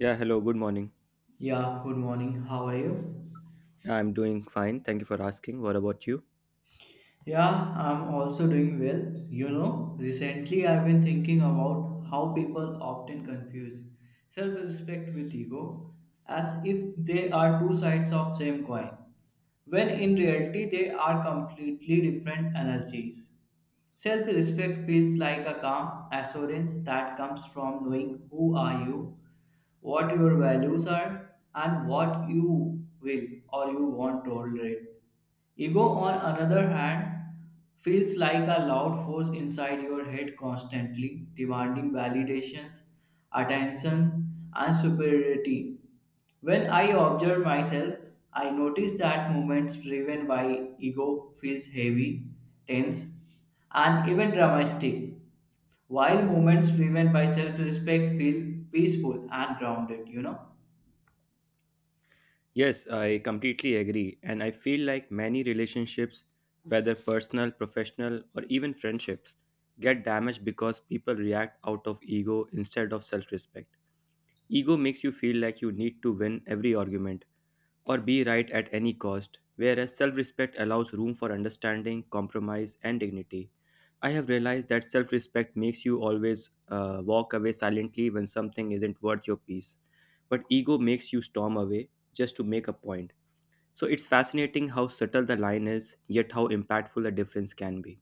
Yeah, hello, good morning. Yeah, good morning. How are you? Yeah, I'm doing fine. Thank you for asking. What about you? Yeah, I'm also doing well. You know, recently I've been thinking about how people often confuse self-respect with ego as if they are two sides of same coin, when in reality they are completely different energies. Self respect feels like a calm assurance that comes from knowing who are you, what your values are, and what you will or you won't tolerate. Ego, on another hand, feels like a loud force inside your head constantly demanding validations, attention, and superiority. When I observe myself, I notice that movements driven by ego feels heavy, tense, and even dramatic, while movements driven by self-respect feel peaceful and grounded, you know. Yes, I completely agree. And I feel like many relationships, whether personal, professional, or even friendships, get damaged because people react out of ego instead of self respect. Ego makes you feel like you need to win every argument or be right at any cost, whereas self respect allows room for understanding, compromise, and dignity. I have realized that self respect makes you always walk away silently when something isn't worth your peace, but ego makes you storm away just to make a point. So it's fascinating how subtle the line is, yet how impactful the difference can be.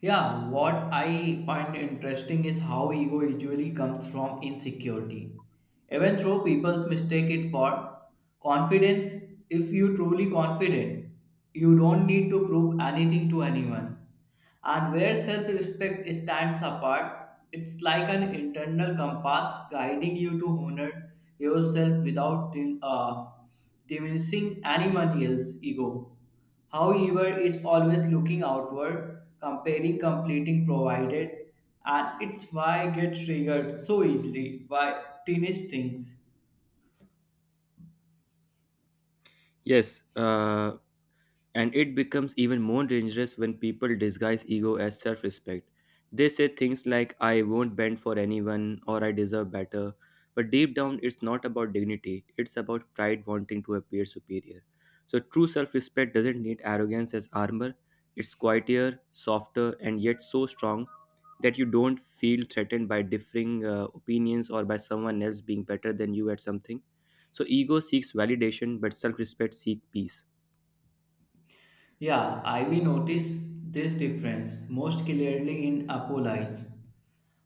Yeah, what I find interesting is how ego usually comes from insecurity. Even though people mistake it for confidence, if you truly confident, you don't need to prove anything to anyone. And where self respect stands apart, it's like an internal compass guiding you to honor yourself without uh, diminishing anyone else's ego. However, is always looking outward, comparing completing provided, and it's why I get triggered so easily by teenage things. Yes. And it becomes even more dangerous when people disguise ego as self respect. They say things like, I won't bend for anyone or I deserve better. But deep down, it's not about dignity, it's about pride wanting to appear superior. So true self respect doesn't need arrogance as armor, it's quieter, softer, and yet so strong that you don't feel threatened by differing opinions or by someone else being better than you at something. So ego seeks validation, but self respect seeks peace. Yeah, I will notice this difference most clearly in apologies.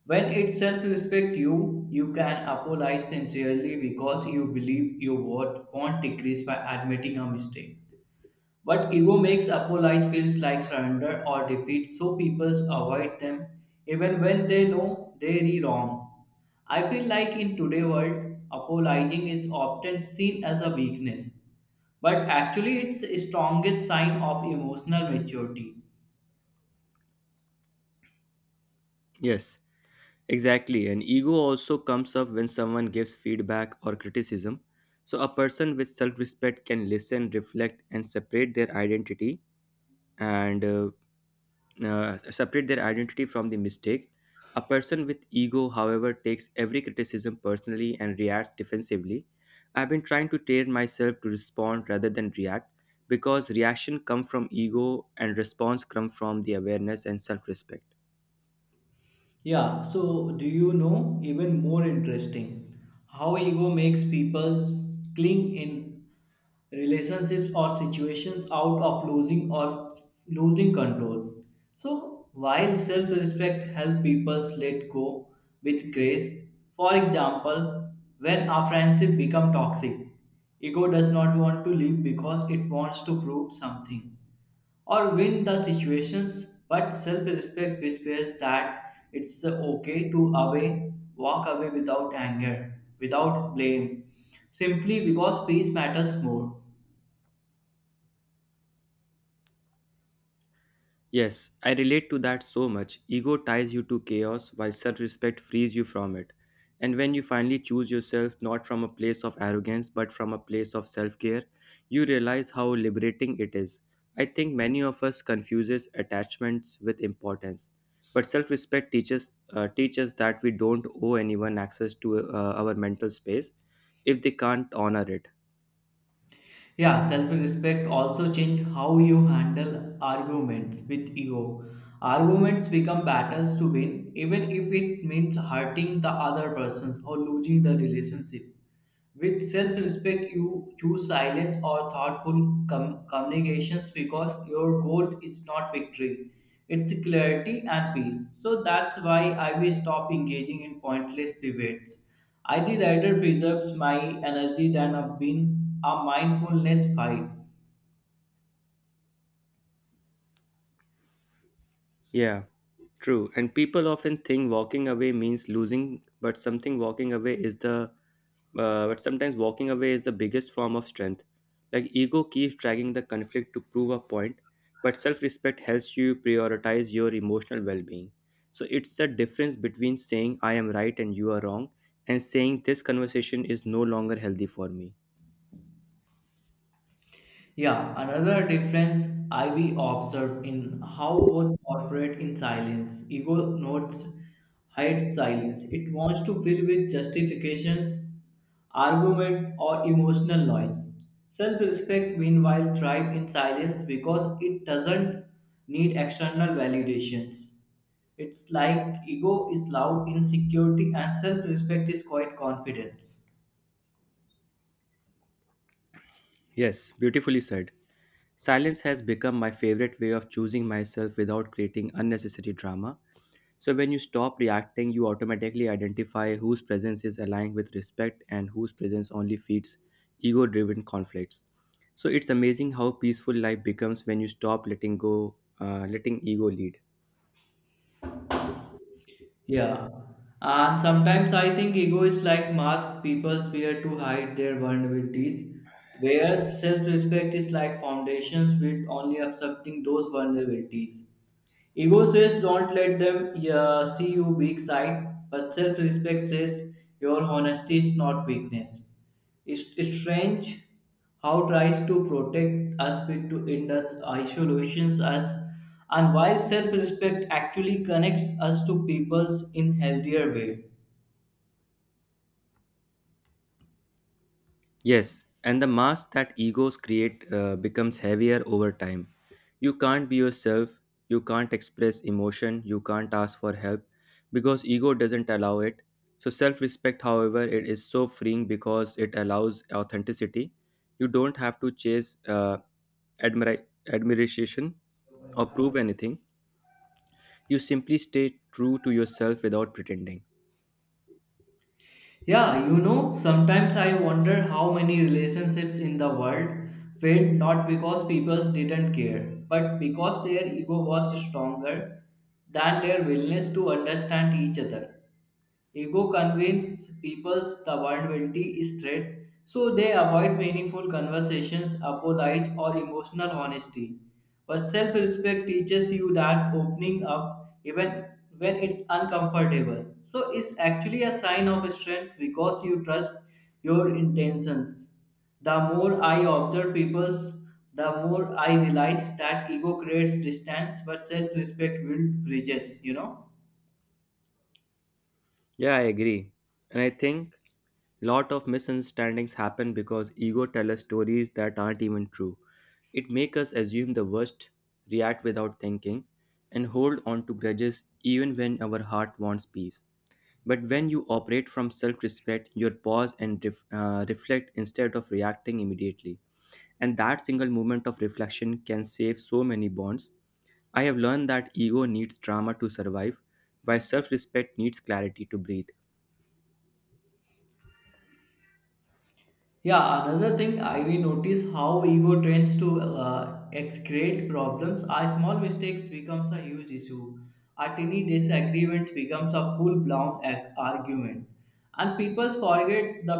When it's self-respect you, can apologize sincerely because you believe your worth won't decrease by admitting a mistake. But ego makes apologies feels like surrender or defeat, so people avoid them even when they know they're wrong. I feel like in today's world, apologizing is often seen as a weakness, but actually it's the strongest sign of emotional maturity. Yes, exactly, and ego also comes up when someone gives feedback or criticism. So a person with self respect can listen, reflect, and separate their identity and separate their identity from the mistake. A person with ego, however, takes every criticism personally and reacts defensively. I've been trying to train myself to respond rather than react because reaction comes from ego and response comes from the awareness and self respect. Yeah, so do you know even more interesting how ego makes people cling in relationships or situations out of losing or losing control. So, while self respect helps people let go with grace, for example, when a friendship become toxic, ego does not want to leave because it wants to prove something or win the situations, but self respect whispers that it's okay to away, walk away without anger, without blame, simply because peace matters more. Yes, I relate to that so much. Ego ties you to chaos while self respect frees you from it. And when you finally choose yourself not from a place of arrogance but from a place of self care, you realize how liberating it is. I think many of us confuses attachments with importance. But self respect teaches that we don't owe anyone access to our mental space if they can't honor it. Yeah, self-respect also change how you handle arguments with ego. Arguments become battles to win even if it means hurting the other persons or losing the relationship. With self respect, you choose silence or thoughtful communications because your goal is not victory, it's clarity and peace. So that's why I will stop engaging in pointless debates. I the rather preserves my energy than a being a mindfulness fight. Yeah. True, and people often think walking away means losing, but something walking away is the but sometimes walking away is the biggest form of strength. Like ego keeps dragging the conflict to prove a point, but self-respect helps you prioritize your emotional well-being. So it's the difference between saying I am right and you are wrong and saying this conversation is no longer healthy for me. Yeah, another difference I we observed in how both operate in silence. Ego notes hides silence. It wants to fill with justifications, argument, or emotional noise. Self-respect, meanwhile, thrives in silence because it doesn't need external validations. It's like ego is loud insecurity and self-respect is quiet confidence. Yes, beautifully said. Silence has become my favorite way of choosing myself without creating unnecessary drama. So when you stop reacting, you automatically identify whose presence is aligned with respect and whose presence only feeds ego driven conflicts. So it's amazing how peaceful life becomes when you stop letting ego lead. Yeah. And sometimes I think ego is like mask people wear to hide their vulnerabilities, whereas self respect is like foundations built only accepting those vulnerabilities. Ego says don't let them see you weak side, but self respect says your honesty is not weakness. It's strange how tries to protect us with to end us isolations us and while self respect actually connects us to peoples in healthier way. Yes, and the mask that egos create becomes heavier over time. You can't be yourself, you can't express emotion, you can't ask for help because ego doesn't allow it. So self-respect, however, it is so freeing because it allows authenticity. You don't have to chase admira- admiration or prove anything. You simply stay true to yourself without pretending. Yeah, you know, sometimes I wonder how many relationships in the world failed not because people didn't care, but because their ego was stronger than their willingness to understand each other. Ego convinces people the vulnerability is threat, so they avoid meaningful conversations, apologize, or emotional honesty. But self-respect teaches you that opening up, even when it's uncomfortable, so it's actually a sign of strength because you trust your intentions. The more I observe people's, the more I realize that ego creates distance, but self-respect builds bridges. You know. Yeah, I agree. And I think lot of misunderstandings happen because ego tell us stories that aren't even true. It make us assume the worst, react without thinking, and hold on to grudges even when our heart wants peace. But when you operate from self-respect, you pause and reflect instead of reacting immediately. And that single moment of reflection can save so many bonds. I have learned that ego needs drama to survive, while self-respect needs clarity to breathe. Yeah, another thing I we notice how ego tends to excrete problems. Our small mistakes becomes a huge issue. A tiny disagreement becomes a full-blown argument, and people forget the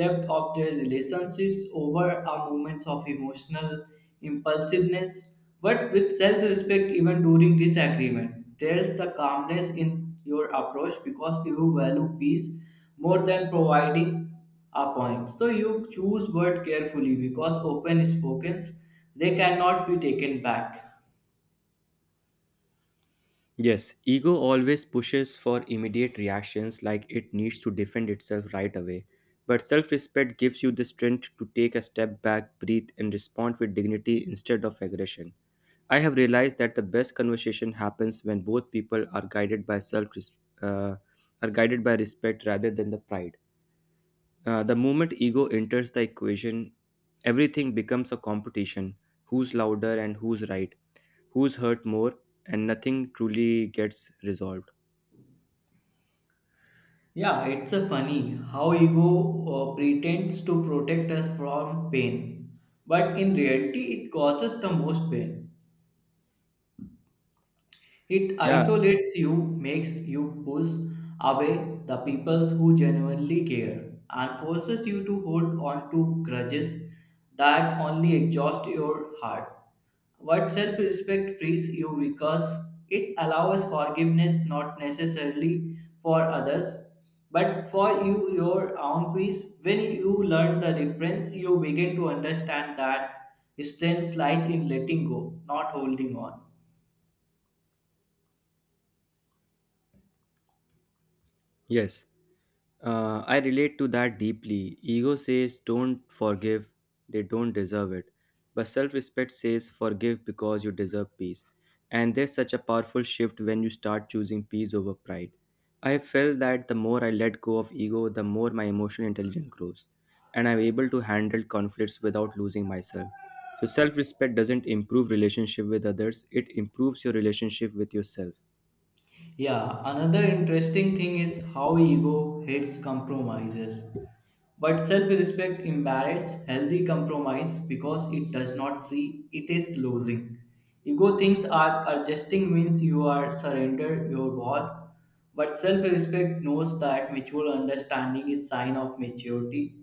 depth of their relationships over our moments of emotional impulsiveness. But with self-respect, even during disagreement, there's the calmness in your approach because you value peace more than providing a point. So you choose word carefully because open spoken they cannot be taken back. Yes, ego always pushes for immediate reactions like it needs to defend itself right away. But self respect gives you the strength to take a step back, breathe, and respond with dignity instead of aggression. I have realized that the best conversation happens when both people uh, are guided by respect rather than the pride. The moment ego enters the equation, everything becomes a competition: who's louder and who's right, who's hurt more, and nothing truly gets resolved. Yeah, it's a funny how ego pretends to protect us from pain, but in reality it causes the most pain. It Yeah, isolates you, makes you push away the peoples who genuinely care, and forces you to hold on to grudges that only exhaust your heart. But self respect frees you because it allows forgiveness not necessarily for others but for you your own peace. When you learn the difference, you begin to understand that strength lies in letting go, not holding on. yes. I relate to that deeply. Ego says, don't forgive, they don't deserve it. But self respect says, forgive because you deserve peace. And there's such a powerful shift when you start choosing peace over pride. I have felt that the more I let go of ego, the more my emotional intelligence grows. And I'm able to handle conflicts without losing myself. So self respect doesn't improve relationship with others, it improves your relationship with yourself. Yeah, another interesting thing is how ego hates compromises. But self respect embarrass healthy compromise because it does not see it is losing. Ego thinks are adjusting means you are surrender your worth. But self respect knows that mutual understanding is sign of maturity.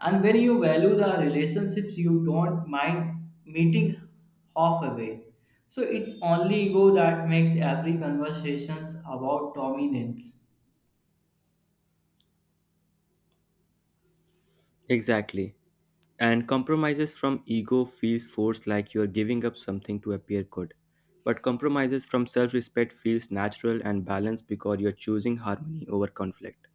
And when you value the relationships, you don't mind meeting halfway. So it's only ego that makes every conversations about dominance. Exactly. And compromises from ego feels forced like you're giving up something to appear good. But compromises from self respect feels natural and balanced because you're choosing harmony over conflict.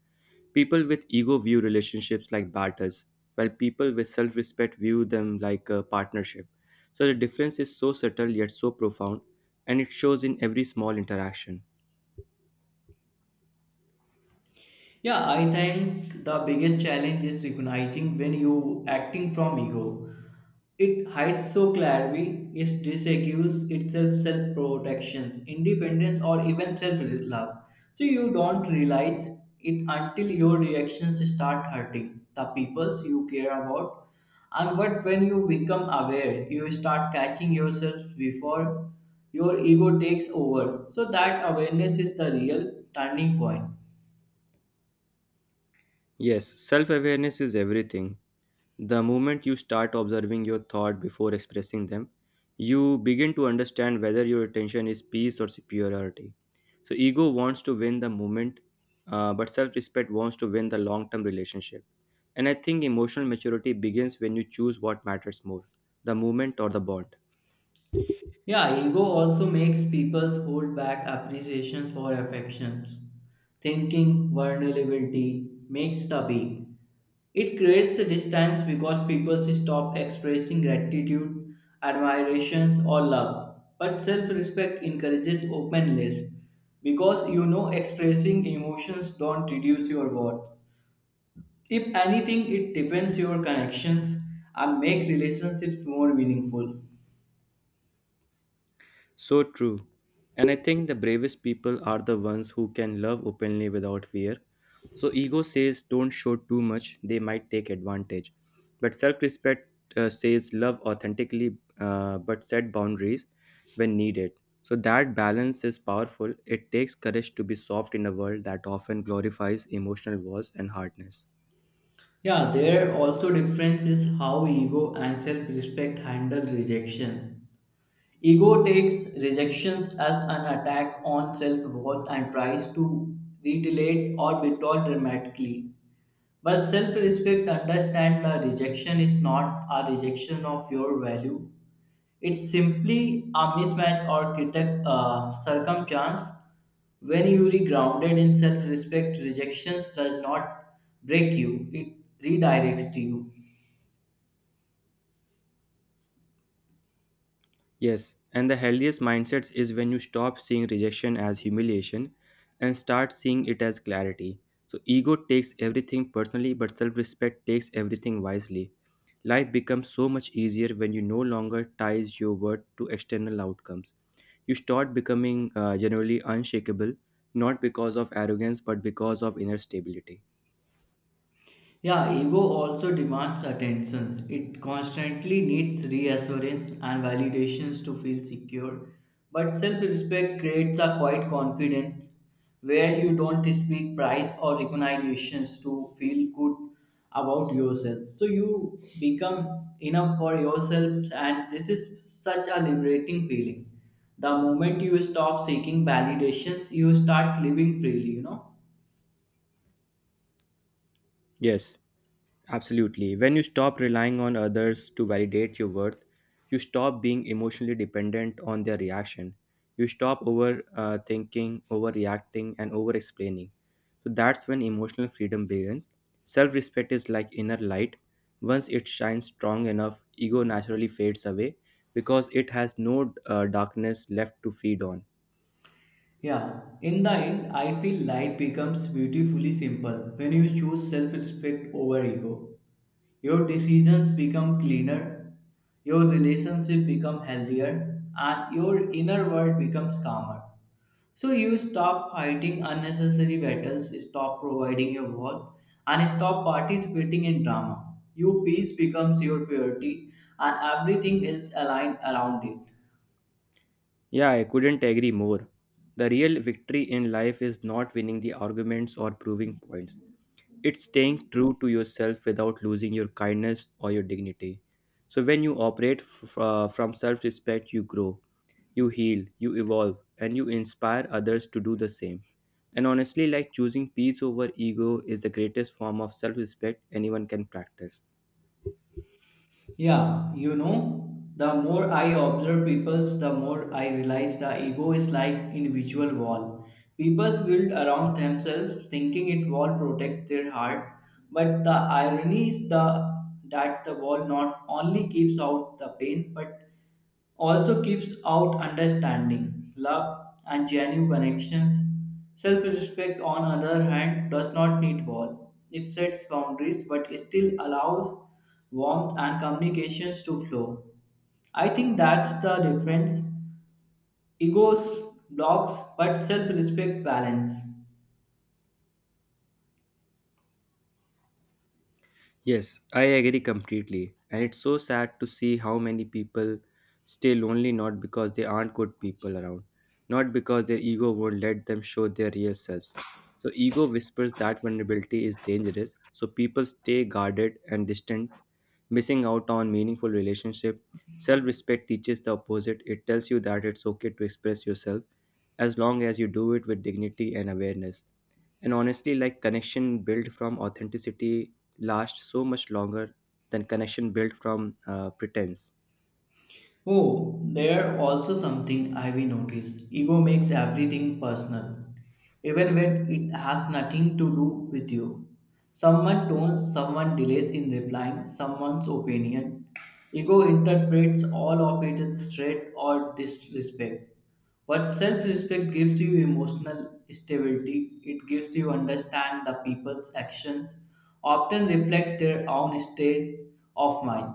People with ego view relationships like batters, while people with self respect view them like a partnership. So the difference is so subtle yet so profound, and it shows in every small interaction. Yeah, I think the biggest challenge is recognizing when you acting from ego. It hides so clarity, it disaccuses itself self protections, independence, or even self love. So you don't realize it until your reactions start hurting the peoples you care about. And what when you become aware, you start catching yourself before your ego takes over. So that awareness is the real turning point. Yes, self awareness is everything. The moment you start observing your thought before expressing them, you begin to understand whether your attention is peace or superiority. So ego wants to win the moment, but self respect wants to win the long term relationship. And I think emotional maturity begins when you choose what matters more, the moment or the bond. Yeah, ego also makes people hold back appreciations for affections. Thinking vulnerability makes the weak. It creates a distance because people stop expressing gratitude, admirations, or love. But self respect encourages openness because you know expressing emotions don't reduce your worth. If anything, it deepens your connections and make relationships more meaningful. So true. And I think the bravest people are the ones who can love openly without fear. So ego says don't show too much, they might take advantage. But self respect says love authentically but set boundaries when needed. So that balance is powerful. It takes courage to be soft in a world that often glorifies emotional walls and hardness. Yeah, there also difference is how ego and self-respect handle rejection. Ego takes rejections as an attack on self worth and tries to retaliate or retort dramatically. But self respect understands that rejection is not a rejection of your value, it's simply a mismatch or circumstance. When you are grounded in self respect, rejections does not break you, it redirects you. Yes, and the healthiest mindsets is when you stop seeing rejection as humiliation and start seeing it as clarity. So ego takes everything personally, but self-respect takes everything wisely. Life becomes so much easier when you no longer ties your worth to external outcomes. You start becoming generally unshakable, not because of arrogance, but because of inner stability. Yeah, ego also demands attentions. It constantly needs reassurance and validations to feel secure. But self respect creates a quiet confidence where you don't speak price or recognitions to feel good about yourself. So you become enough for yourselves, and this is such a liberating feeling. The moment you stop seeking validations, you start living freely, you know. Yes, absolutely. When you stop relying on others to validate your worth, you stop being emotionally dependent on their reaction. You stop over thinking, overreacting, and over explaining. So that's when emotional freedom begins. Self respect is like inner light. Once it shines strong enough, ego naturally fades away because it has no darkness left to feed on. Yeah, in the end, I feel life becomes beautifully simple when you choose self respect over ego. Your decisions become cleaner, your relationship become healthier, and your inner world becomes calmer. So you stop fighting unnecessary battles, stop providing your worth, and stop participating in drama. Your peace becomes your priority, and everything else align around it. Yeah, I couldn't agree more. The real victory in life is not winning the arguments or proving points. It's staying true to yourself without losing your kindness or your dignity. So when you operate from self respect, you grow, you heal, you evolve, and you inspire others to do the same. And honestly, like choosing peace over ego is the greatest form of self respect anyone can practice. Yeah, you know, the more I observe peoples, the more I realize the ego is like individual wall. Peoples build around themselves, thinking it wall protect their heart. But the irony is the that the wall not only keeps out the pain, but also keeps out understanding, love, and genuine connections. Self respect, on other hand, does not need wall. It sets boundaries but it still allows warmth and communications to flow. I think that's the difference. Egos blocks, but self respect balance. Yes, I agree completely. And it's so sad to see how many people stay lonely not because they aren't good people around, not because their ego won't let them show their real selves. So ego whispers that vulnerability is dangerous, so people stay guarded and distant, missing out on meaningful relationship. Self respect teaches the opposite. It tells you that it's okay to express yourself as long as you do it with dignity and awareness. And honestly, like connection built from authenticity lasts so much longer than connection built from pretense. Oh, there also something I've noticed. Ego makes everything personal, even when it has nothing to do with you. Someone tones, someone delays in replying, someone's opinion. Ego interprets all of it as threat or disrespect. What self respect gives you emotional stability, it gives you understand the people's actions often reflect their own state of mind.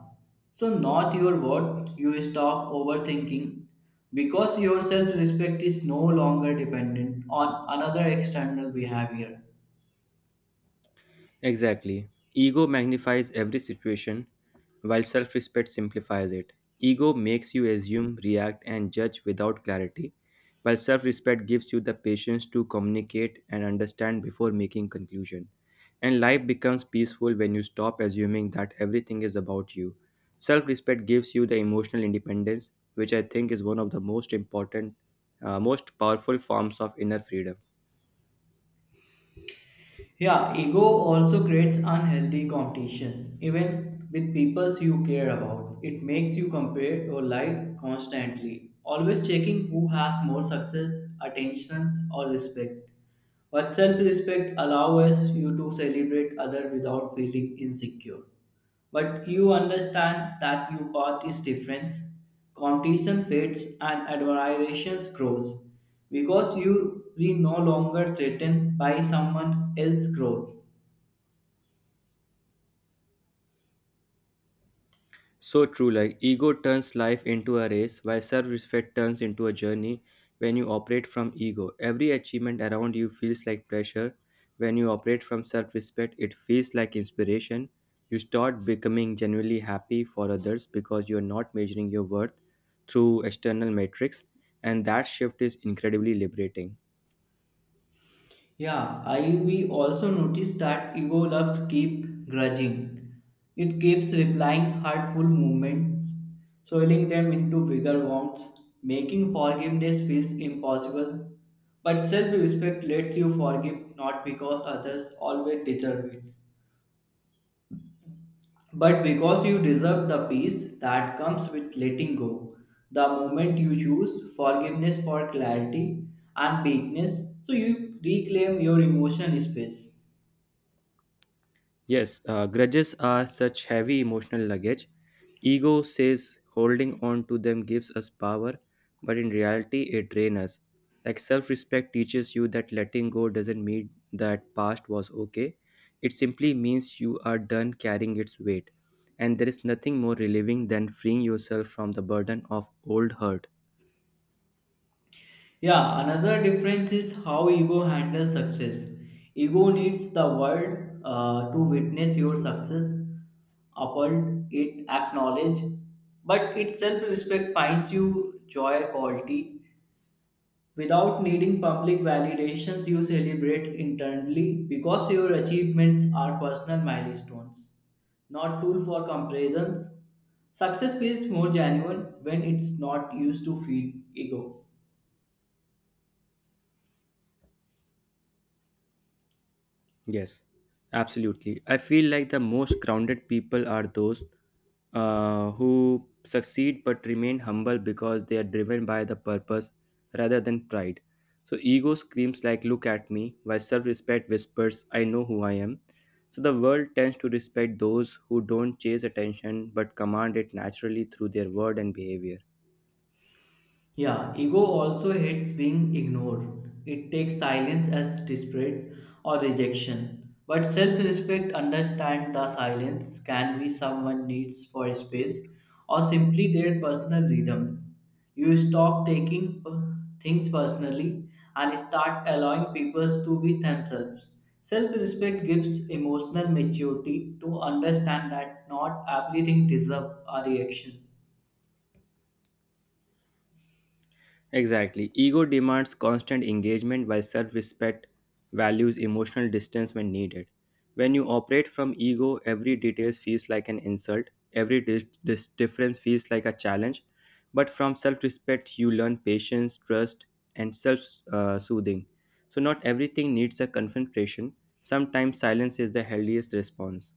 So not your word, you stop overthinking because your self respect is no longer dependent on another external behavior. Exactly. Ego magnifies every situation, while self respect simplifies it. Ego makes you assume, react, and judge without clarity, while self respect gives you the patience to communicate and understand before making conclusion. And life becomes peaceful when you stop assuming that everything is about you. Self respect gives you the emotional independence, which I think is one of the most powerful forms of inner freedom. Yeah, ego also creates unhealthy competition, even with people you care about. It makes you compare your life constantly, always checking who has more success, attentions, or respect. But self respect allows you to celebrate others without feeling insecure. But you understand that your path is different. Competition fades and admiration grows because you are no longer threatened by someone else's growth. So true, like ego turns life into a race, while self respect turns into a journey. When you operate from ego, every achievement around you feels like pressure. When you operate from self respect, it feels like inspiration. You start becoming genuinely happy for others because you're not measuring your worth through external metrics, and that shift is incredibly liberating. Yeah, I we also notice that ego loves keep grudging. It keeps replying hurtful movements, soiling them into bigger wounds, making forgiveness feels impossible. But self-respect lets you forgive not because others always deserve it, but because you deserve the peace that comes with letting go, the moment you choose forgiveness for clarity and weakness, so you reclaim your emotion space. Yes, Grudges are such heavy emotional luggage. Ego says holding on to them gives us power, but in reality, it drains us. Like self respect teaches you that letting go doesn't mean that past was okay. It simply means you are done carrying its weight. And there is nothing more relieving than freeing yourself from the burden of old hurt. Yeah, another difference is how ego handles success. Ego needs the world to witness your success, applaud it, acknowledge, but its self respect finds you joy, quality, without needing public validations, you celebrate internally because your achievements are personal milestones, not tool for comparisons. Success feels more genuine when it's not used to feed ego. Yes, absolutely. I feel like the most grounded people are those who succeed but remain humble because they are driven by the purpose rather than pride. So ego screams like "Look at me," while self-respect whispers "I know who I am." So the world tends to respect those who don't chase attention but command it naturally through their word and behavior. Yeah, ego also hates being ignored. It takes silence as disparate or rejection. But self respect understands the silence can be someone needs for space or simply their personal rhythm. You stop taking things personally and start allowing people to be themselves. Self respect gives emotional maturity to understand that not everything deserves a reaction. Exactly. Ego demands constant engagement while self respect values emotional distance when needed. When you operate from ego, every detail feels like an insult, every difference feels like a challenge. But from self respect, you learn patience, trust, and self soothing. So not everything needs a confrontation. Sometimes silence is the healthiest response.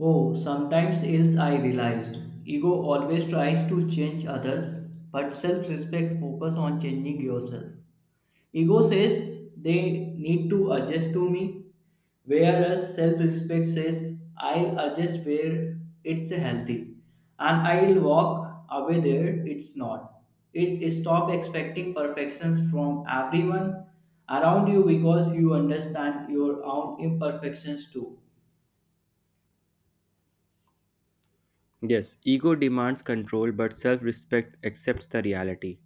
Oh, sometimes else I realized. Ego always tries to change others, but self respect focus on changing yourself. Ego says they need to adjust to me, whereas self respect says I'll adjust where it's healthy and I'll walk away there it's not. It stop expecting perfections from everyone around you because you understand your own imperfections too. Yes, ego demands control, but self respect accepts the reality.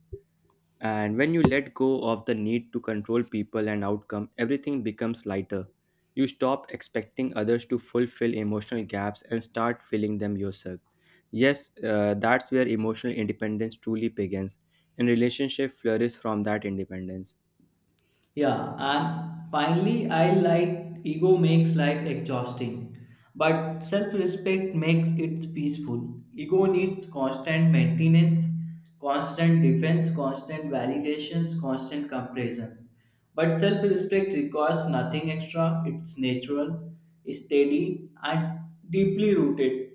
And when you let go of the need to control people and outcome, everything becomes lighter. You stop expecting others to fulfill emotional gaps and start filling them yourself. Yes, that's where emotional independence truly begins, and relationships flourish from that independence. Yeah, and finally, I like ego makes life exhausting, but self respect makes it peaceful. Ego needs constant maintenance, constant defense, constant validations, constant comparison. But self respect requires nothing extra, it's natural, steady, and deeply rooted.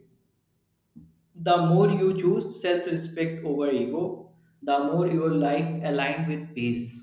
The more you choose self respect over ego, the more your life aligned with peace.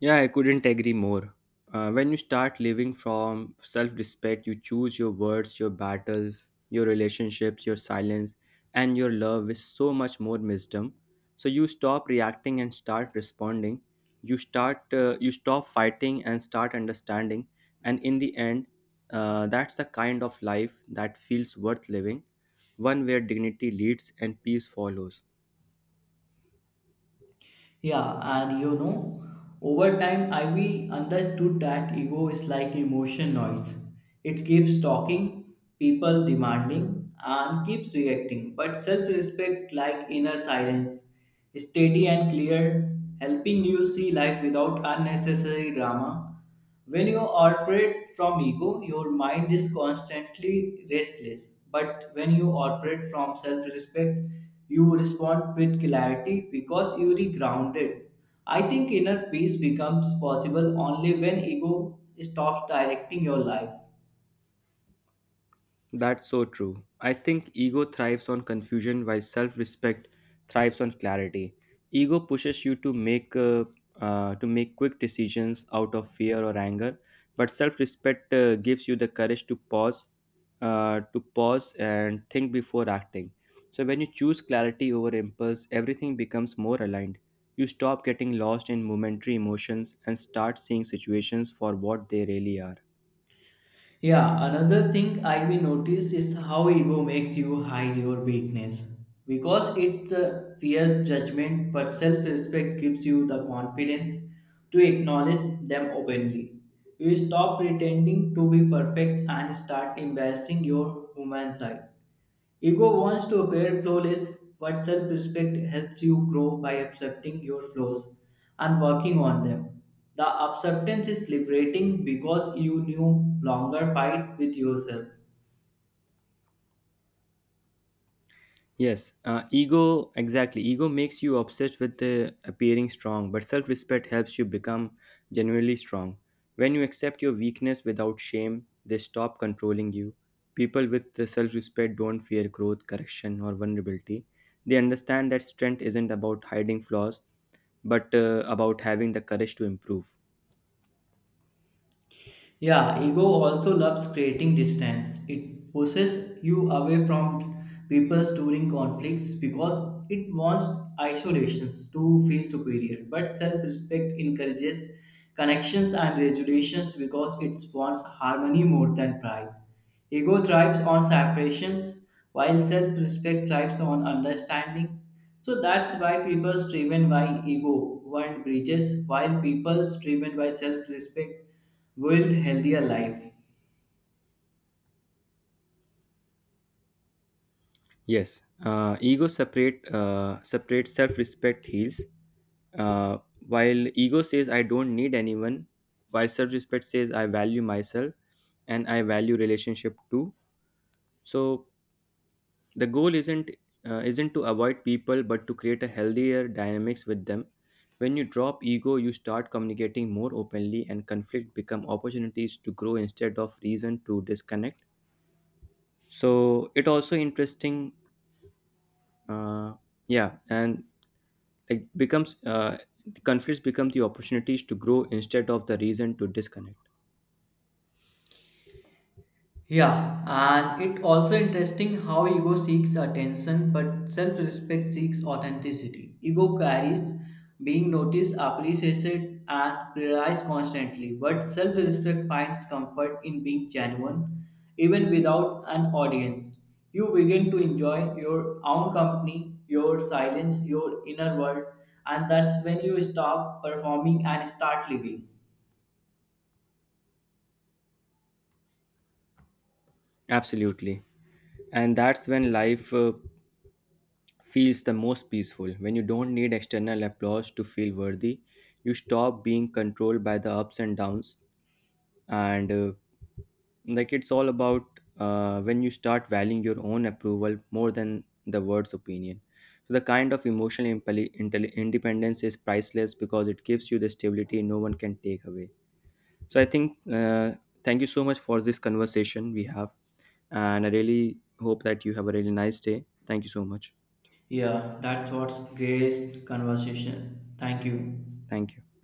Yeah, I couldn't agree more. When you start living from self respect, you choose your words, your battles, your relationships, your silence, and your love with so much more wisdom. So you stop reacting and start responding. You stop fighting and start understanding. And in the end, that's the kind of life that feels worth living, one where dignity leads and peace follows. Yeah, and you know, over time, I Ivy understood that ego is like emotion noise. It keeps talking, people demanding, and keeps reacting. But self respect, like inner silence, steady and clear, helping you see life without unnecessary drama. When you operate from ego, your mind is constantly restless. But when you operate from self respect, you respond with clarity because you are grounded. I think inner peace becomes possible only when ego stops directing your life. That's so true. I think ego thrives on confusion while self respect thrives on clarity. Ego pushes you to make quick decisions out of fear or anger, but self respect gives you the courage to pause and think before acting. So when you choose clarity over impulse, everything becomes more aligned. You stop getting lost in momentary emotions and start seeing situations for what they really are. Yeah, another thing I will notice is how ego makes you hide your weakness. Because it fears judgment, but self respect gives you the confidence to acknowledge them openly. You stop pretending to be perfect and start embracing your human side. Ego wants to appear flawless, but self respect helps you grow by accepting your flaws and working on them. The acceptance is liberating because you no longer fight with yourself. Yes, ego exactly. Ego makes you obsessed with appearing strong, but self respect helps you become genuinely strong. When you accept your weakness without shame, they stop controlling you. People with the self respect don't fear growth, correction, or vulnerability. They understand that strength isn't about hiding flaws, but about having the courage to improve. Yeah, ego also loves creating distance. It pushes you away from people during conflicts because it wants isolations to feel superior. But self respect encourages connections and resolutions because it wants harmony more than pride. Ego thrives on separations while self respect thrives on understanding. So that's why people driven by ego want bridges while people driven by self respect will healthier life. Yes, ego separate separate Self respect heals. Uh, while ego says I don't need anyone, while self respect says I value myself and I value relationship too. So the goal isn't to avoid people but to create a healthier dynamics with them. When you drop ego, you start communicating more openly and conflict become opportunities to grow instead of reason to disconnect. So it also interesting uh, yeah and like becomes the conflicts become the opportunities to grow instead of the reason to disconnect. Yeah, and it also interesting how ego seeks attention but self-respect seeks authenticity. Ego carries being noticed, appreciated, and prioritized constantly, but self-respect finds comfort in being genuine, even without an audience. You begin to enjoy your own company, your silence, your inner world, and that's when you stop performing and start living. Absolutely. And that's when life feels the most peaceful when you don't need external applause to feel worthy. You stop being controlled by the ups and downs, and like it's all about when you start valuing your own approval more than the world's opinion. So the kind of emotional independence is priceless because it gives you the stability no one can take away. So I think thank you so much for this conversation we have, and I really hope that you have a really nice day. Thank you so much. Yeah, that's what's great conversation. Thank you. Thank you.